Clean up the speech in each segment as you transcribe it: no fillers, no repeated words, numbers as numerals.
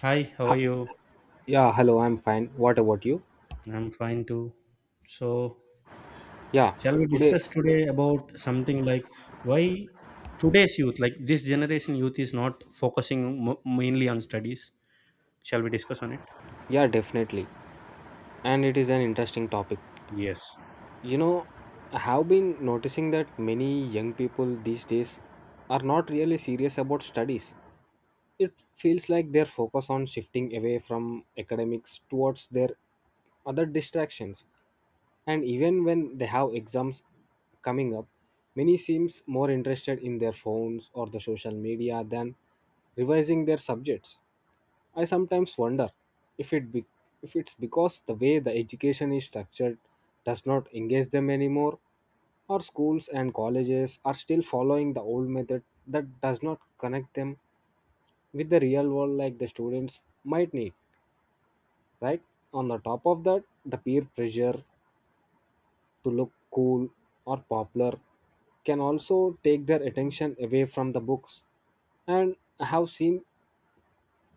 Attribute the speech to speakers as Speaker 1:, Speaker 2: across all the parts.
Speaker 1: Hi, how are
Speaker 2: Ha-
Speaker 1: you?
Speaker 2: yeah, hello, I'm fine. What about you?
Speaker 1: I'm fine too. So,
Speaker 2: Yeah,
Speaker 1: shall we
Speaker 2: today,
Speaker 1: discuss today about something like why today's youth, like this generation youth, is not focusing mainly on studies? Shall we discuss on it?
Speaker 2: yeah, definitely. And it is an interesting topic.
Speaker 1: Yes.
Speaker 2: You know, I have been noticing that many young people these days are not really serious about studies. It feels like their focus on shifting away from academics towards their other distractions. And even when they have exams coming up, many seems more interested in their phones or the social media than revising their subjects. I sometimes wonder if it be, if it's because the way the education is structured does not engage them anymore, or schools and colleges are still following the old method that does not connect them with the real world like the students might need, right? On the top of that, the peer pressure to look cool or popular can also take their attention away from the books. And I have seen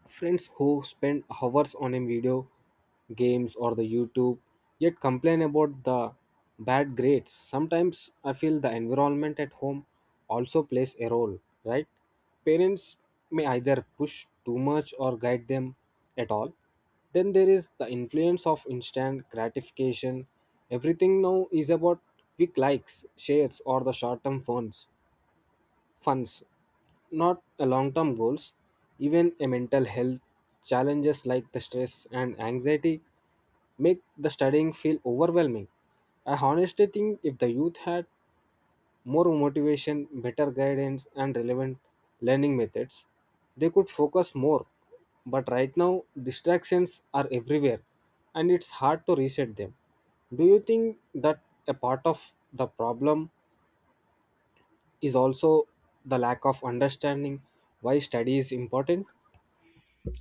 Speaker 2: friends who spend hours on a video games or the YouTube yet complain about the bad grades. Sometimes I feel the environment at home also plays a role, right? Parents may either push too much or guide them at all. Then there is the influence of instant gratification. Everything now is about quick likes, shares, or the short term funds, not a long-term goals. Even a mental health challenges like the stress and anxiety make the studying feel overwhelming. I honestly think if the youth had more motivation, better guidance, and relevant learning methods, they could focus more. But right now, distractions are everywhere and it's hard to reset them. Do you think that a part of the problem is also the lack of understanding why study is important?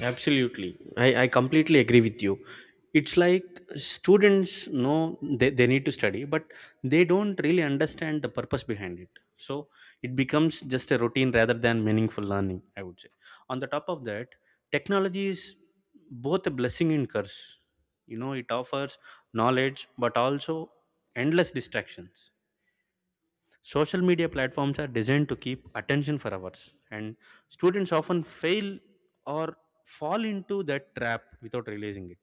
Speaker 1: Absolutely. I completely agree with you. It's like students know they need to study, but they don't really understand the purpose behind it. So it becomes just a routine rather than meaningful learning, I would say. On the top of that, technology is both a blessing and curse. You know, it offers knowledge, but also endless distractions. Social media platforms are designed to keep attention for hours, and students often fail or fall into that trap without realizing it,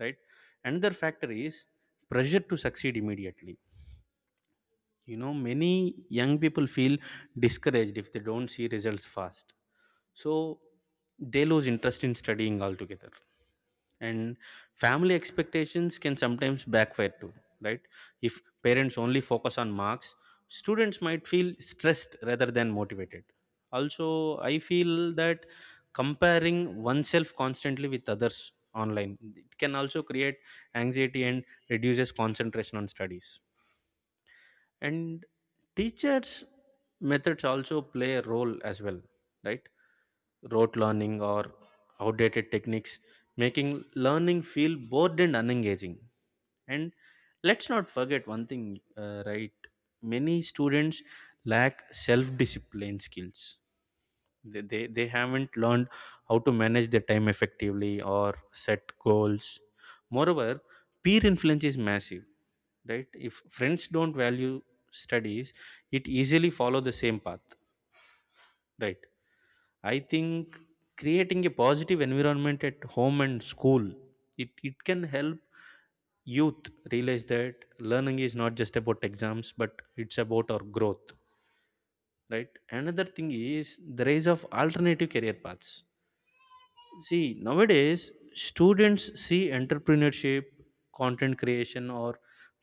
Speaker 1: right? Another factor is pressure to succeed immediately. You know, many young people feel discouraged if they don't see results fast. So they lose interest in studying altogether. And family expectations can sometimes backfire too, right? If parents only focus on marks, students might feel stressed rather than motivated. Also, I feel that comparing oneself constantly with others online it can also create anxiety and reduces concentration on studies, and teachers methods also play a role as well, right? Rote learning or outdated techniques making learning feel bored and unengaging. And let's not forget one thing, right? Many students lack self discipline skills. They haven't learned how to manage their time effectively or set goals. Moreover, peer influence is massive, right? If friends don't value studies, it easily follow the same path, right? I think creating a positive environment at home and school, it can help youth realize that learning is not just about exams but it's about our growth, right? Another thing is the rise of alternative career paths. See, nowadays, students see entrepreneurship, content creation, or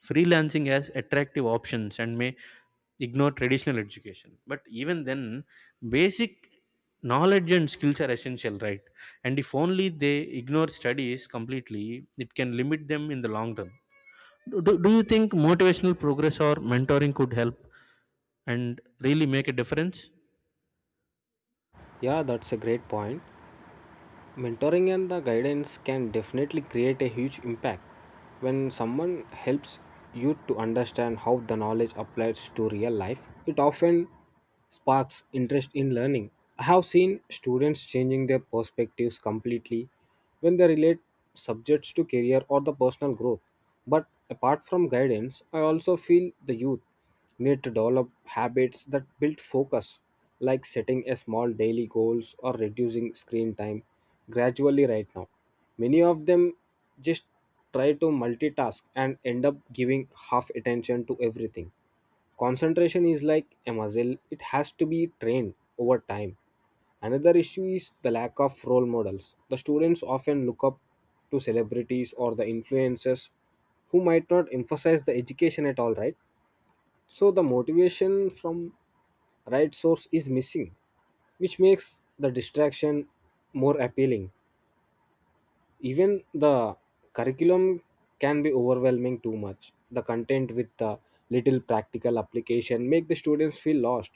Speaker 1: freelancing as attractive options and may ignore traditional education. But even then, basic knowledge and skills are essential, right? And if only they ignore studies completely, it can limit them in the long run. Do you think motivational progress or mentoring could help and really make a difference?
Speaker 2: Yeah, that's a great point. Mentoring and the guidance can definitely create a huge impact when someone helps you to understand how the knowledge applies to real life. It often sparks interest in learning. I have seen students changing their perspectives completely when they relate subjects to career or the personal growth. But apart from guidance, I also feel the youth need to develop habits that build focus, like setting a small daily goals or reducing screen time gradually. Right now, many of them just try to multitask and end up giving half attention to everything. Concentration is like a muscle, it has to be trained over time. Another issue is the lack of role models. The students often look up to celebrities or the influencers who might not emphasize the education at all, right? So the motivation from right source is missing, which makes the distraction more appealing. Even the curriculum can be overwhelming, too much the content with the little practical application make the students feel lost.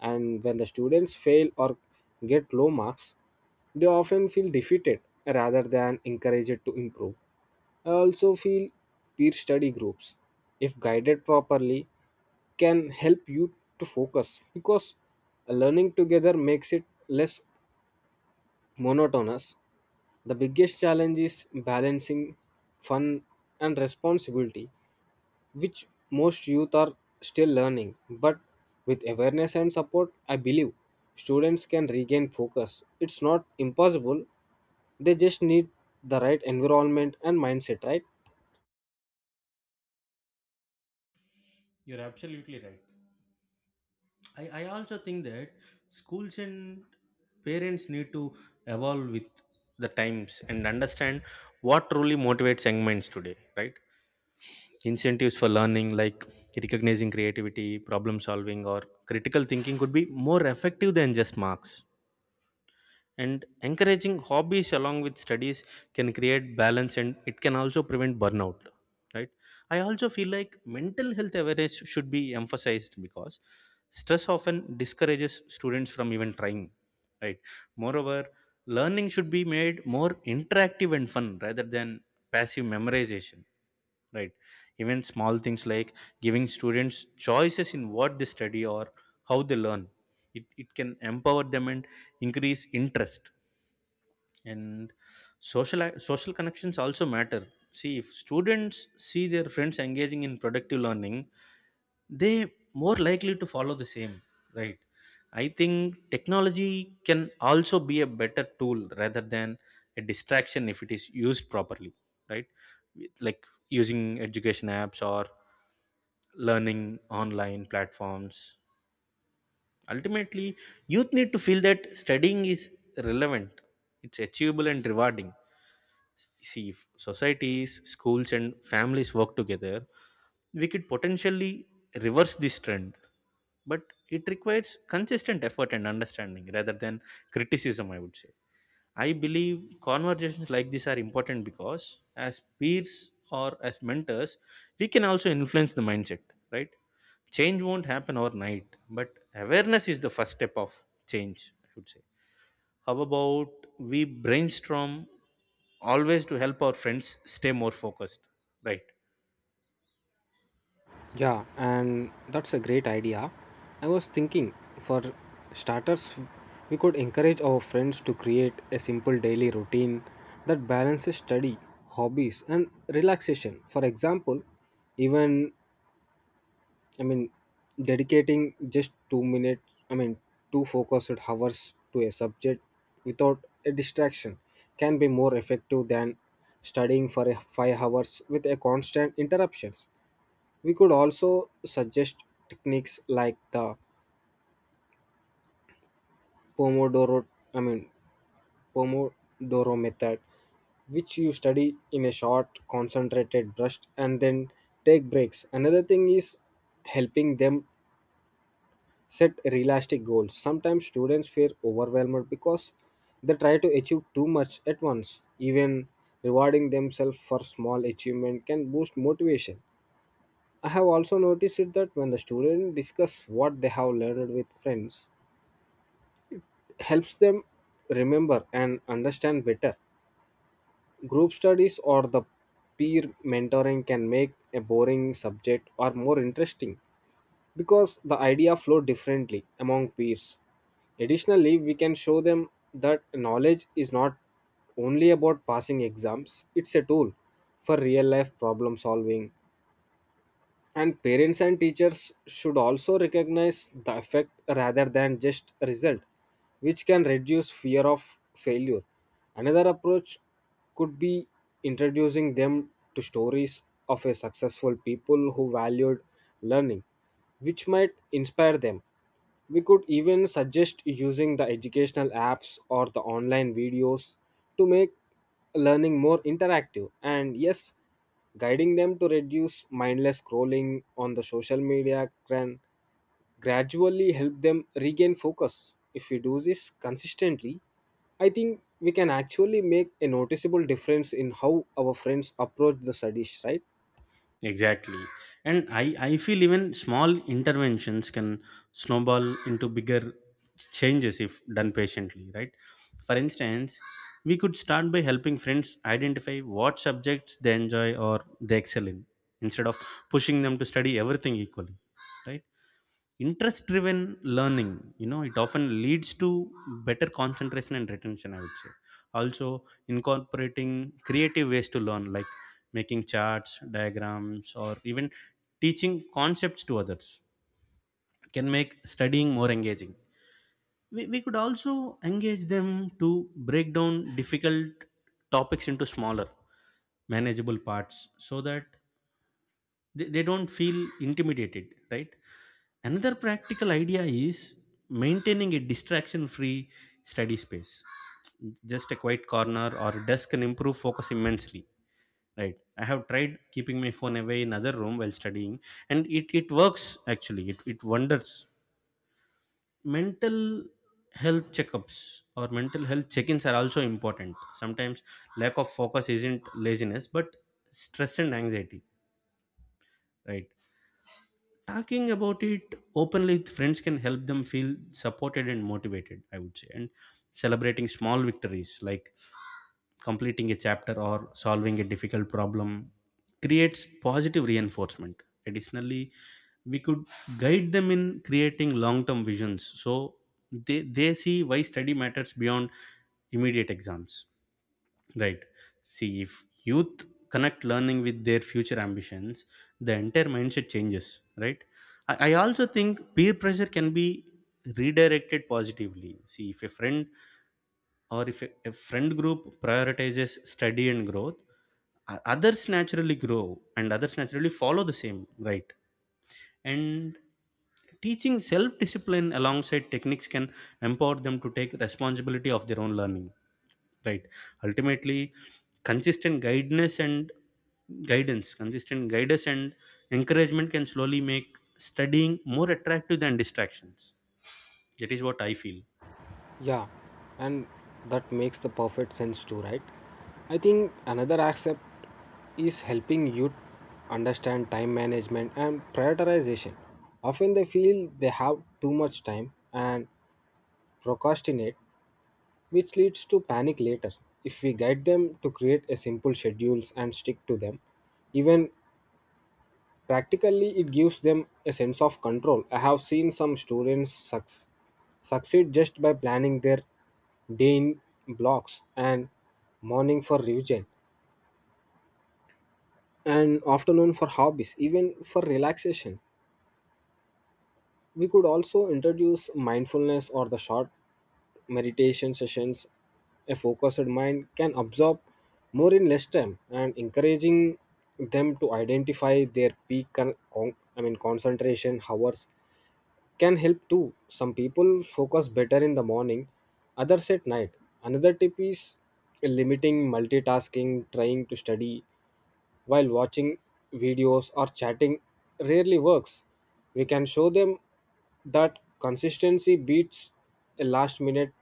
Speaker 2: And when the students fail or get low marks, they often feel defeated rather than encouraged to improve. I also feel peer study groups, if guided properly, can help you to focus because learning together makes it less monotonous. The biggest challenge is balancing fun and responsibility, which most youth are still learning. But with awareness and support, I believe students can regain focus. It's not impossible, they just need the right environment and mindset, right?
Speaker 1: You're absolutely right. I also think that schools and parents need to evolve with the times and understand what truly motivates young minds today, right? Incentives for learning, like recognizing creativity, problem solving, or critical thinking, could be more effective than just marks, and encouraging hobbies along with studies can create balance and it can also prevent burnout, right? I also feel like mental health awareness should be emphasized because stress often discourages students from even trying, right? Moreover, learning should be made more interactive and fun rather than passive memorization, right? Even small things like giving students choices in what they study or how they learn, it can empower them and increase interest. And social connections also matter. See, if students see their friends engaging in productive learning, they more likely to follow the same, right? I think technology can also be a better tool rather than a distraction if it is used properly, right? Like using education apps or learning online platforms. Ultimately, youth need to feel that studying is relevant, it's achievable and rewarding. See, if societies, schools and families work together, we could potentially reverse this trend, but it requires consistent effort and understanding rather than criticism, I would say. I believe conversations like this are important because as peers or as mentors, we can also influence the mindset, right? Change won't happen overnight, but awareness is the first step of change, I would say. How about we brainstorm always to help our friends stay more focused, right?
Speaker 2: Yeah, and that's a great idea. I was thinking, for starters, we could encourage our friends to create a simple daily routine that balances study, hobbies, and relaxation. For example, even, I mean, dedicating just 2 minutes, I mean, two focused hours to a subject without a distraction can be more effective than studying for a 5 hours with a constant interruptions. We could also suggest techniques like the Pomodoro, I mean, Pomodoro method, which you study in a short, concentrated brush and then take breaks. Another thing is helping them set realistic goals. Sometimes students feel overwhelmed because they try to achieve too much at once. Even rewarding themselves for small achievement can boost motivation. I have also noticed it that when the students discuss what they have learned with friends, helps them remember and understand better. Group studies or the peer mentoring can make a boring subject or more interesting because the idea flow differently among peers. Additionally, we can show them that knowledge is not only about passing exams, it's a tool for real life problem solving. And parents and teachers should also recognize the effect rather than just result, which can reduce fear of failure. Another approach could be introducing them to stories of a successful people who valued learning, which might inspire them. We could even suggest using the educational apps or the online videos to make learning more interactive. And yes, guiding them to reduce mindless scrolling on the social media can gradually help them regain focus. If we do this consistently, I think we can actually make a noticeable difference in how our friends approach the studies, right?
Speaker 1: Exactly. And I feel even small interventions can snowball into bigger changes if done patiently, right? For instance, we could start by helping friends identify what subjects they enjoy or they excel in instead of pushing them to study everything equally, right? Interest driven learning, you know, it often leads to better concentration and retention, I would say. Also, incorporating creative ways to learn, like making charts, diagrams or even teaching concepts to others, can make studying more engaging. We could also engage them to break down difficult topics into smaller manageable parts so that they don't feel intimidated, right? Another practical idea is maintaining a distraction free study space. Just a quiet corner or a desk can improve focus immensely, right? I have tried keeping my phone away in other room while studying, and it works. Actually it wonders. Mental health checkups or mental health check-ins are also important. Sometimes lack of focus isn't laziness but stress and anxiety, right? Talking about it openly with friends can help them feel supported and motivated, I would say. And celebrating small victories like completing a chapter or solving a difficult problem creates positive reinforcement. Additionally, we could guide them in creating long term visions so they see why study matters beyond immediate exams. Right. See, if youth connect learning with their future ambitions, the entire mindset changes, right? I also think peer pressure can be redirected positively. See, if a friend or if a friend group prioritizes study and growth, others naturally grow and others naturally follow the same, right? And teaching self discipline alongside techniques can empower them to take responsibility of their own learning, right? Ultimately, consistent guidance and guidance consistent guidance and encouragement can slowly make studying more attractive than distractions. That is what I feel.
Speaker 2: Yeah, and that makes the perfect sense too, right? I think another aspect is helping youth understand time management and prioritization. Often they feel they have too much time and procrastinate, which leads to panic later. If we guide them to create a simple schedules and stick to them, even, practically, it gives them a sense of control. I have seen some students succeed just by planning their day in blocks and morning for revision and afternoon for hobbies, even for relaxation. We could also introduce mindfulness or the short meditation sessions. A focused mind can absorb more in less time. And encouraging them to identify their peak I mean concentration hours can help too. Some people focus better in the morning, others at night. Another tip is limiting multitasking, trying to study while watching videos or chatting rarely works. We can show them that consistency beats a last minute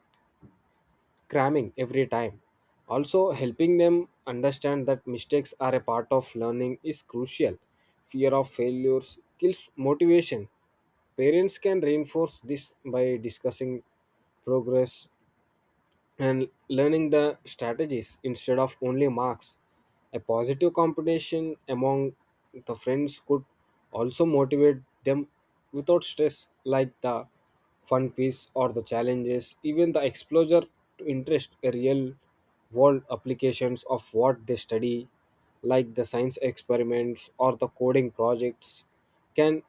Speaker 2: cramming every time. Also, helping them understand that mistakes are a part of learning is crucial. Fear of failures kills motivation. Parents can reinforce this by discussing progress and learning the strategies instead of only marks. A positive competition among the friends could also motivate them without stress, like the fun quiz or the challenges, even the exposure to interest a real world applications of what they study, like the science experiments or the coding projects, can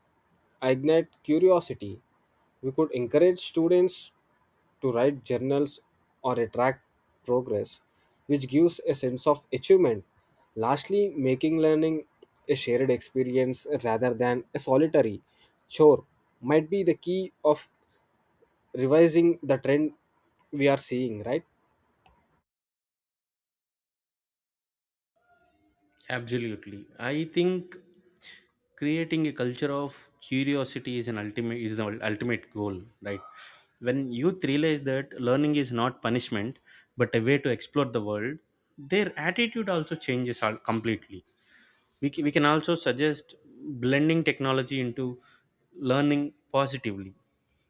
Speaker 2: ignite curiosity. We could encourage students to write journals or a track progress, which gives a sense of achievement. Lastly, making learning a shared experience rather than a solitary chore might be the key of revising the trend we are seeing, right?
Speaker 1: Absolutely. I think creating a culture of curiosity is an ultimate is the ultimate goal, right? When youth realize that learning is not punishment but a way to explore the world, their attitude also changes completely. We can also suggest blending technology into learning positively.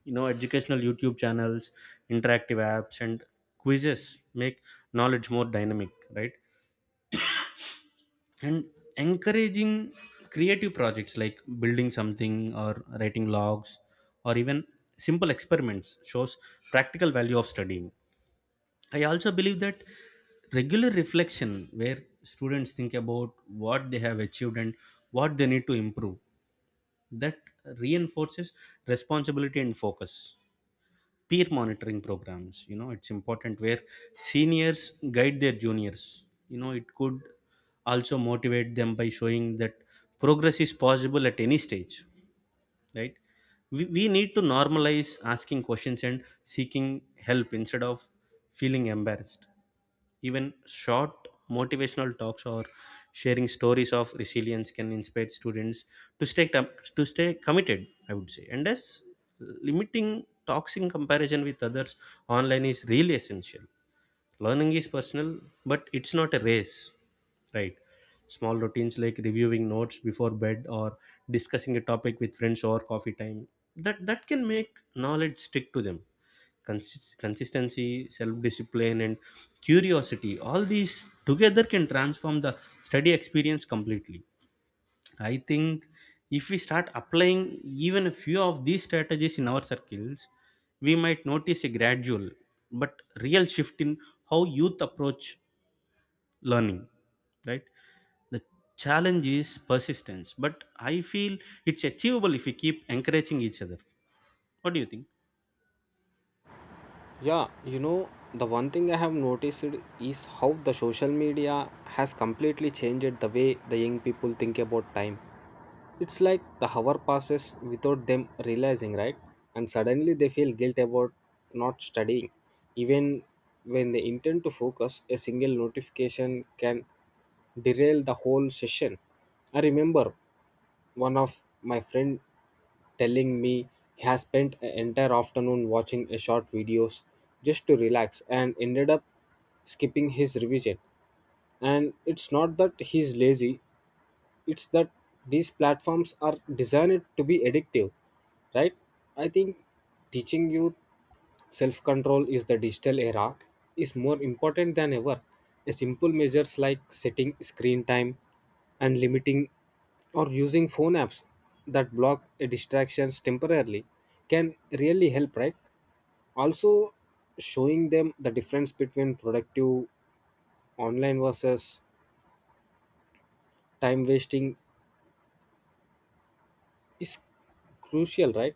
Speaker 1: You know, educational YouTube channels, interactive apps, and quizzes make knowledge more dynamic, right? And encouraging creative projects like building something or writing logs or even simple experiments shows practical value of studying. I also believe that regular reflection where students think about what they have achieved and what they need to improve, that reinforces responsibility and focus. Peer monitoring programs, you know, it's important where seniors guide their juniors. You know, it could also motivate them by showing that progress is possible at any stage, right? We need to normalize asking questions and seeking help instead of feeling embarrassed. Even short motivational talks or sharing stories of resilience can inspire students to stay com- to stay committed, I would say. And thus limiting toxic comparison with others online is really essential. Learning is personal, but it's not a race, right? Small routines like reviewing notes before bed or discussing a topic with friends or coffee time, that can make knowledge stick to them. Consistency, self-discipline, and curiosity—all these together can transform the study experience completely. I think if we start applying even a few of these strategies in our circles, we might notice a gradual but real shift in how youth approach learning, right? The challenge is persistence, but I feel it's achievable if we keep encouraging each other. What do you think?
Speaker 2: Yeah, the one thing I have noticed is how the social media has completely changed the way the young people think about time. It's like the hour passes without them realizing, right? And suddenly they feel guilt about not studying. Even when they intend to focus, a single notification can derail the whole session. I remember one of my friend telling me he has spent an entire afternoon watching a short videos just to relax and ended up skipping his revision. And it's not that he's lazy, it's that these platforms are designed to be addictive, right? I think teaching youth self control is the digital era is more important than ever. A simple measures like setting screen time and limiting or using phone apps that block distractions temporarily can really help, right? Also, showing them the difference between productive online versus time wasting is crucial, right?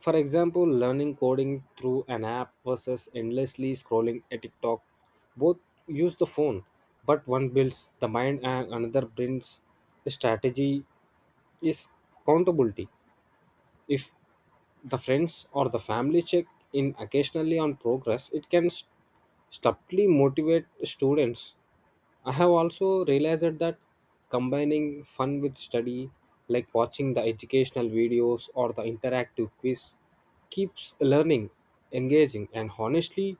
Speaker 2: For example, learning coding through an app versus endlessly scrolling a TikTok. Both use the phone, but one builds the mind and another brings a strategy is accountability. If the friends or the family check in occasionally on progress, it can subtly motivate students. I have also realized that combining fun with study, like watching the educational videos or the interactive quiz, keeps learning engaging. And honestly,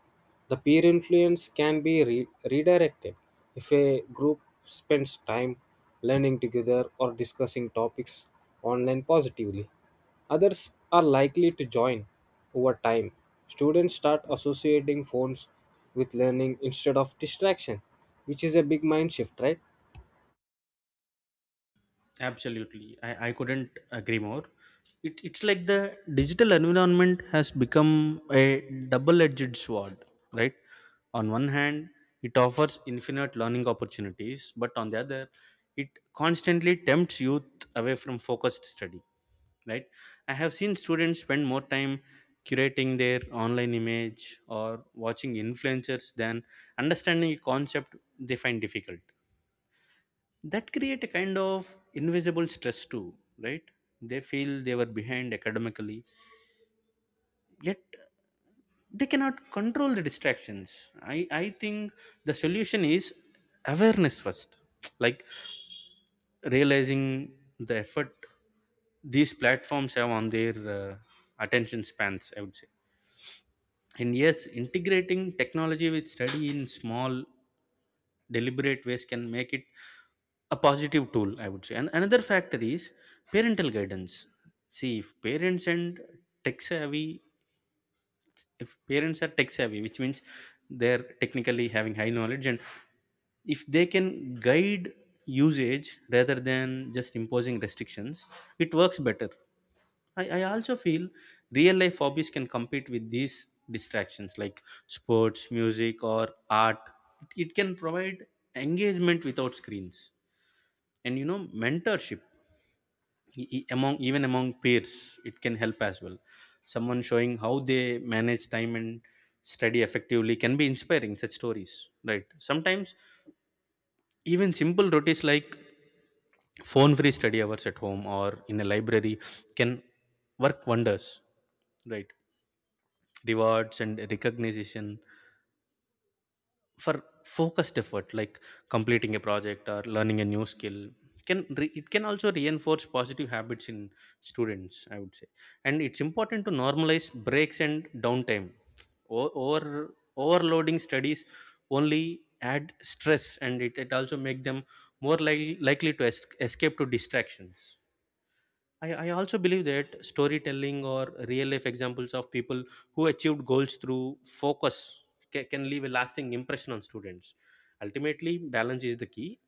Speaker 2: the peer influence can be redirected if a group spends time learning together or discussing topics online positively. Others are likely to join over time. Students start associating phones with learning instead of distraction, which is a big mind shift, right?
Speaker 1: Absolutely. I couldn't agree more. It's like the digital environment has become a double edged sword, right? On one hand, it offers infinite learning opportunities, but on the other, it constantly tempts youth away from focused study, right? I have seen students spend more time curating their online image or watching influencers than understanding a concept they find difficult. That create a kind of invisible stress too, right? They feel they were behind academically, yet they cannot control the distractions. I think the solution is awareness first, like realizing the effort these platforms have on their attention spans, I would say. And yes, integrating technology with study in small deliberate ways can make it a positive tool, I would say. And another factor is parental guidance. See, if parents and tech savvy, if parents are tech savvy, which means they're technically having high knowledge, and if they can guide usage rather than just imposing restrictions, it works better. I also feel real life hobbies can compete with these distractions like sports, music, or art. It can provide engagement without screens, and you know, mentorship among even among peers. It can help as well. Someone showing how they manage time and study effectively can be inspiring. Such stories, right? Sometimes even simple routines like phone-free study hours at home or in a library can work wonders, right? Rewards and recognition for focused effort like completing a project or learning a new skill can it can also reinforce positive habits in students, I would say. And it's important to normalize breaks and downtime. Over overloading studies only add stress and it also make them likely to escape to distractions. I also believe that storytelling or real life examples of people who achieved goals through focus can leave a lasting impression on students. Ultimately, balance is the key.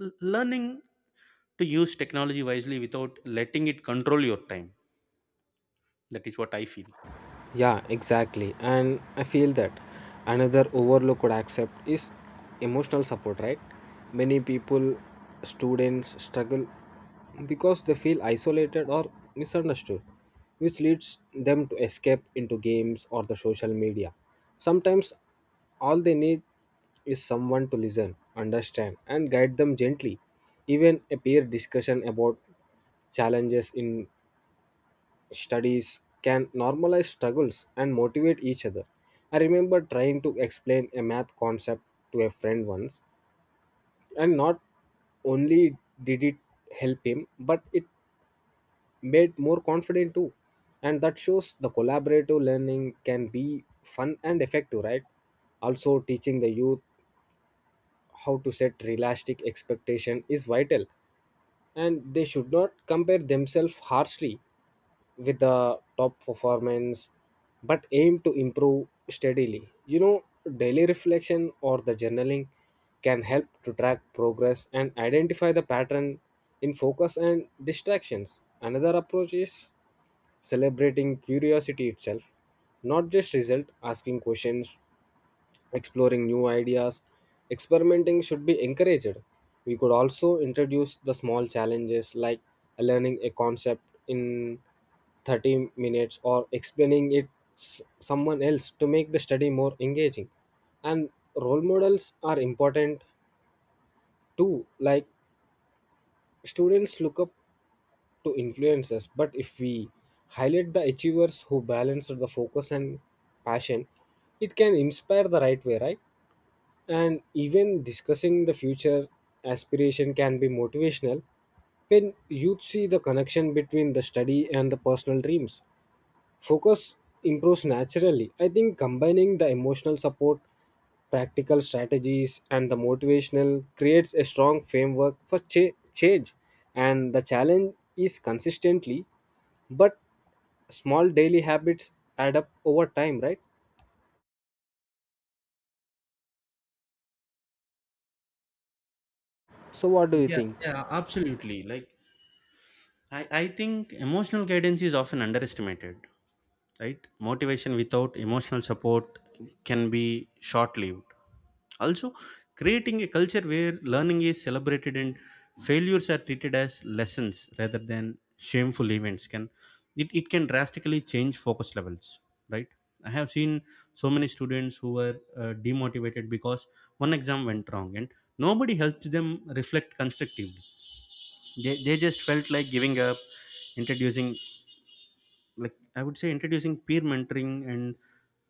Speaker 1: Learning to use technology wisely without letting it control your time. That is what I feel.
Speaker 2: Yeah, exactly. And I feel that another overlooked could accept is emotional support, right? Many people, students struggle because they feel isolated or misunderstood, which leads them to escape into games or the social media. Sometimes all they need is someone to listen, understand, and guide them gently. Even a peer discussion about challenges in studies can normalize struggles and motivate each other. I remember trying to explain a math concept to a friend once, and not only did it help him, but it made more confident too. And that shows the collaborative learning can be fun and effective, right? Also, teaching the youth how to set realistic expectation is vital, and they should not compare themselves harshly with the top performance but aim to improve steadily. Daily reflection or the journaling can help to track progress and identify the pattern in focus and distractions. Another approach is celebrating curiosity itself, not just result. Asking questions, exploring new ideas, experimenting should be encouraged. We could also introduce the small challenges like learning a concept in 30 minutes or explaining it someone else to make the study more engaging. And role models are important too, like students look up to influences. But if we highlight the achievers who balance the focus and passion, it can inspire the right way, right? And even discussing the future aspiration can be motivational. When youth see the connection between the study and the personal dreams, focus improves naturally. I think combining the emotional support, practical strategies and the motivational creates a strong framework for change. And the challenge is consistently, but small daily habits add up over time, right? So what do you
Speaker 1: Yeah,
Speaker 2: think?
Speaker 1: yeah, absolutely. Like I think emotional guidance is often underestimated. Right, motivation without emotional support can be short lived. Also, creating a culture where learning is celebrated and failures are treated as lessons rather than shameful events can, it can drastically change focus levels, right? I have seen so many students who were demotivated because one exam went wrong and nobody helped them reflect constructively. They just felt like giving up. Introducing, like I would say introducing peer mentoring and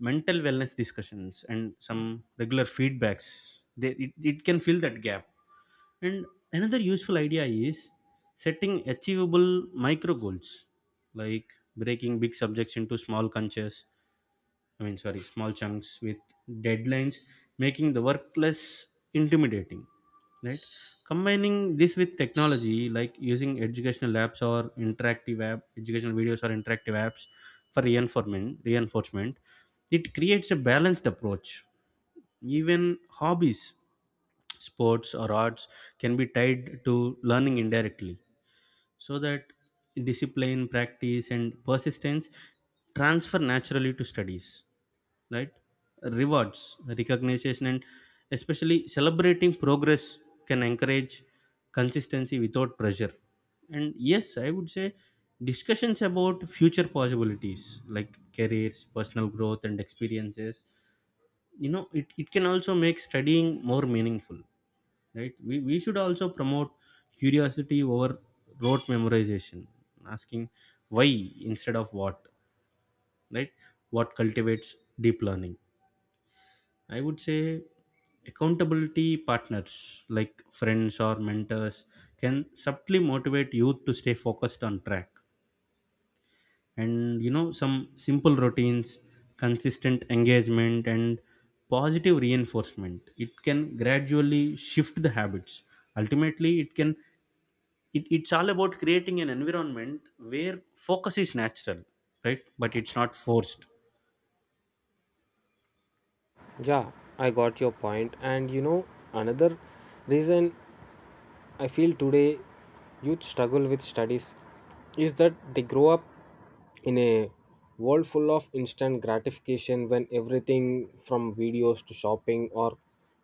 Speaker 1: mental wellness discussions and some regular feedbacks, they it can fill that gap. And another useful idea is setting achievable micro goals, like breaking big subjects into small conches, I mean, sorry, small chunks with deadlines, making the work less intimidating. Right? Combining this with technology, like using educational apps or interactive app, educational videos or interactive apps for reinforcement, it creates a balanced approach. Even hobbies, sports or arts can be tied to learning indirectly, so that discipline, practice, and persistence transfer naturally to studies, right? Rewards, recognition and especially celebrating progress can encourage consistency without pressure. And yes, I would say discussions about future possibilities like careers, personal growth and experiences, you know, it can also make studying more meaningful, right? We should also promote curiosity over rote memorization, asking why instead of what, right? What cultivates deep learning, I would say. Accountability partners like friends or mentors can subtly motivate youth to stay focused on track. And you know, some simple routines, consistent engagement, and positive reinforcement, it can gradually shift the habits. Ultimately, it can, it's all about creating an environment where focus is natural, right? But it's not forced.
Speaker 2: Yeah, I got your point. And another reason I feel today youth struggle with studies is that they grow up in a world full of instant gratification when everything from videos to shopping or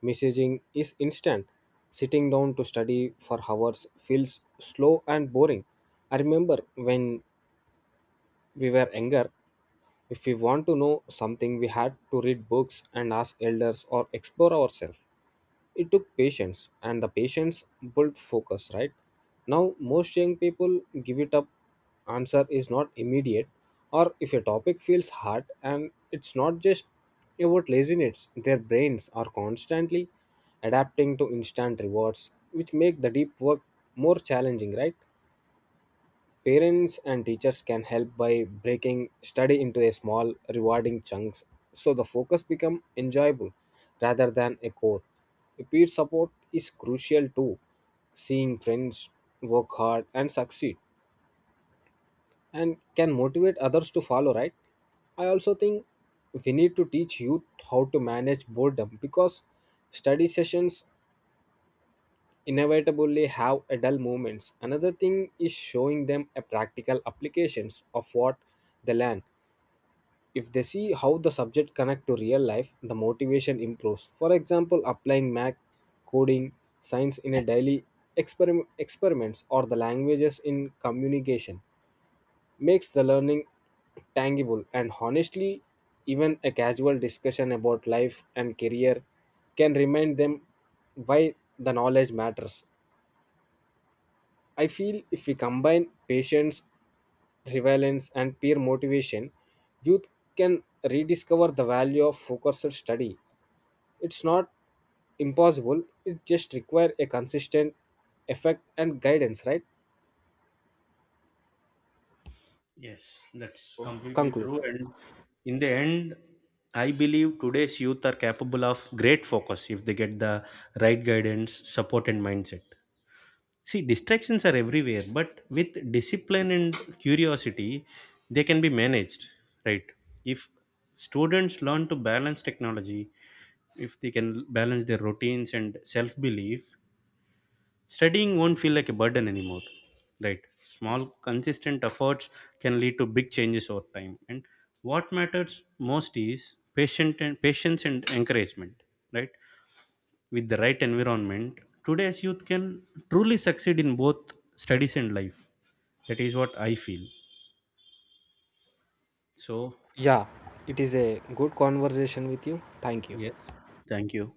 Speaker 2: messaging is instant. Sitting down to study for hours feels slow and boring. I remember when we were younger, if we want to know something, we had to read books and ask elders or explore ourselves. It took patience and the patience built focus. Right now most young people give it up, answer is not immediate or if a topic feels hard. And it's not just about laziness, their brains are constantly adapting to instant rewards which make the deep work more challenging, right? Parents and teachers can help by breaking study into a small, rewarding chunks so the focus become enjoyable rather than a chore. Peer support is crucial too. Seeing friends work hard and succeed and can motivate others to follow, right? I also think we need to teach youth how to manage boredom because study sessions inevitably have adult moments. Another thing is showing them a practical applications of what they learn. If they see how the subject connect to real life, the motivation improves. For example, applying math, coding, science in a daily experiments or the languages in communication makes the learning tangible. And honestly, even a casual discussion about life and career can remind them why the knowledge matters. I feel if we combine patience, relevance, and peer motivation, youth can rediscover the value of focused study. It's not impossible, it just requires a consistent effect and guidance, right?
Speaker 1: Yes, that's completely
Speaker 2: Conclude.
Speaker 1: true. And in the end, I believe today's youth are capable of great focus if they get the right guidance, support, and mindset. See, distractions are everywhere, but with discipline and curiosity, they can be managed, right? If students learn to balance technology, if they can balance their routines and self belief, studying won't feel like a burden anymore, right? Small, consistent efforts can lead to big changes over time. And what matters most is patient and patience and encouragement, right? With the right environment, today's youth can truly succeed in both studies and life. That is what I feel. So,
Speaker 2: Yeah, it is a good conversation with you. Thank you.
Speaker 1: yes, thank you.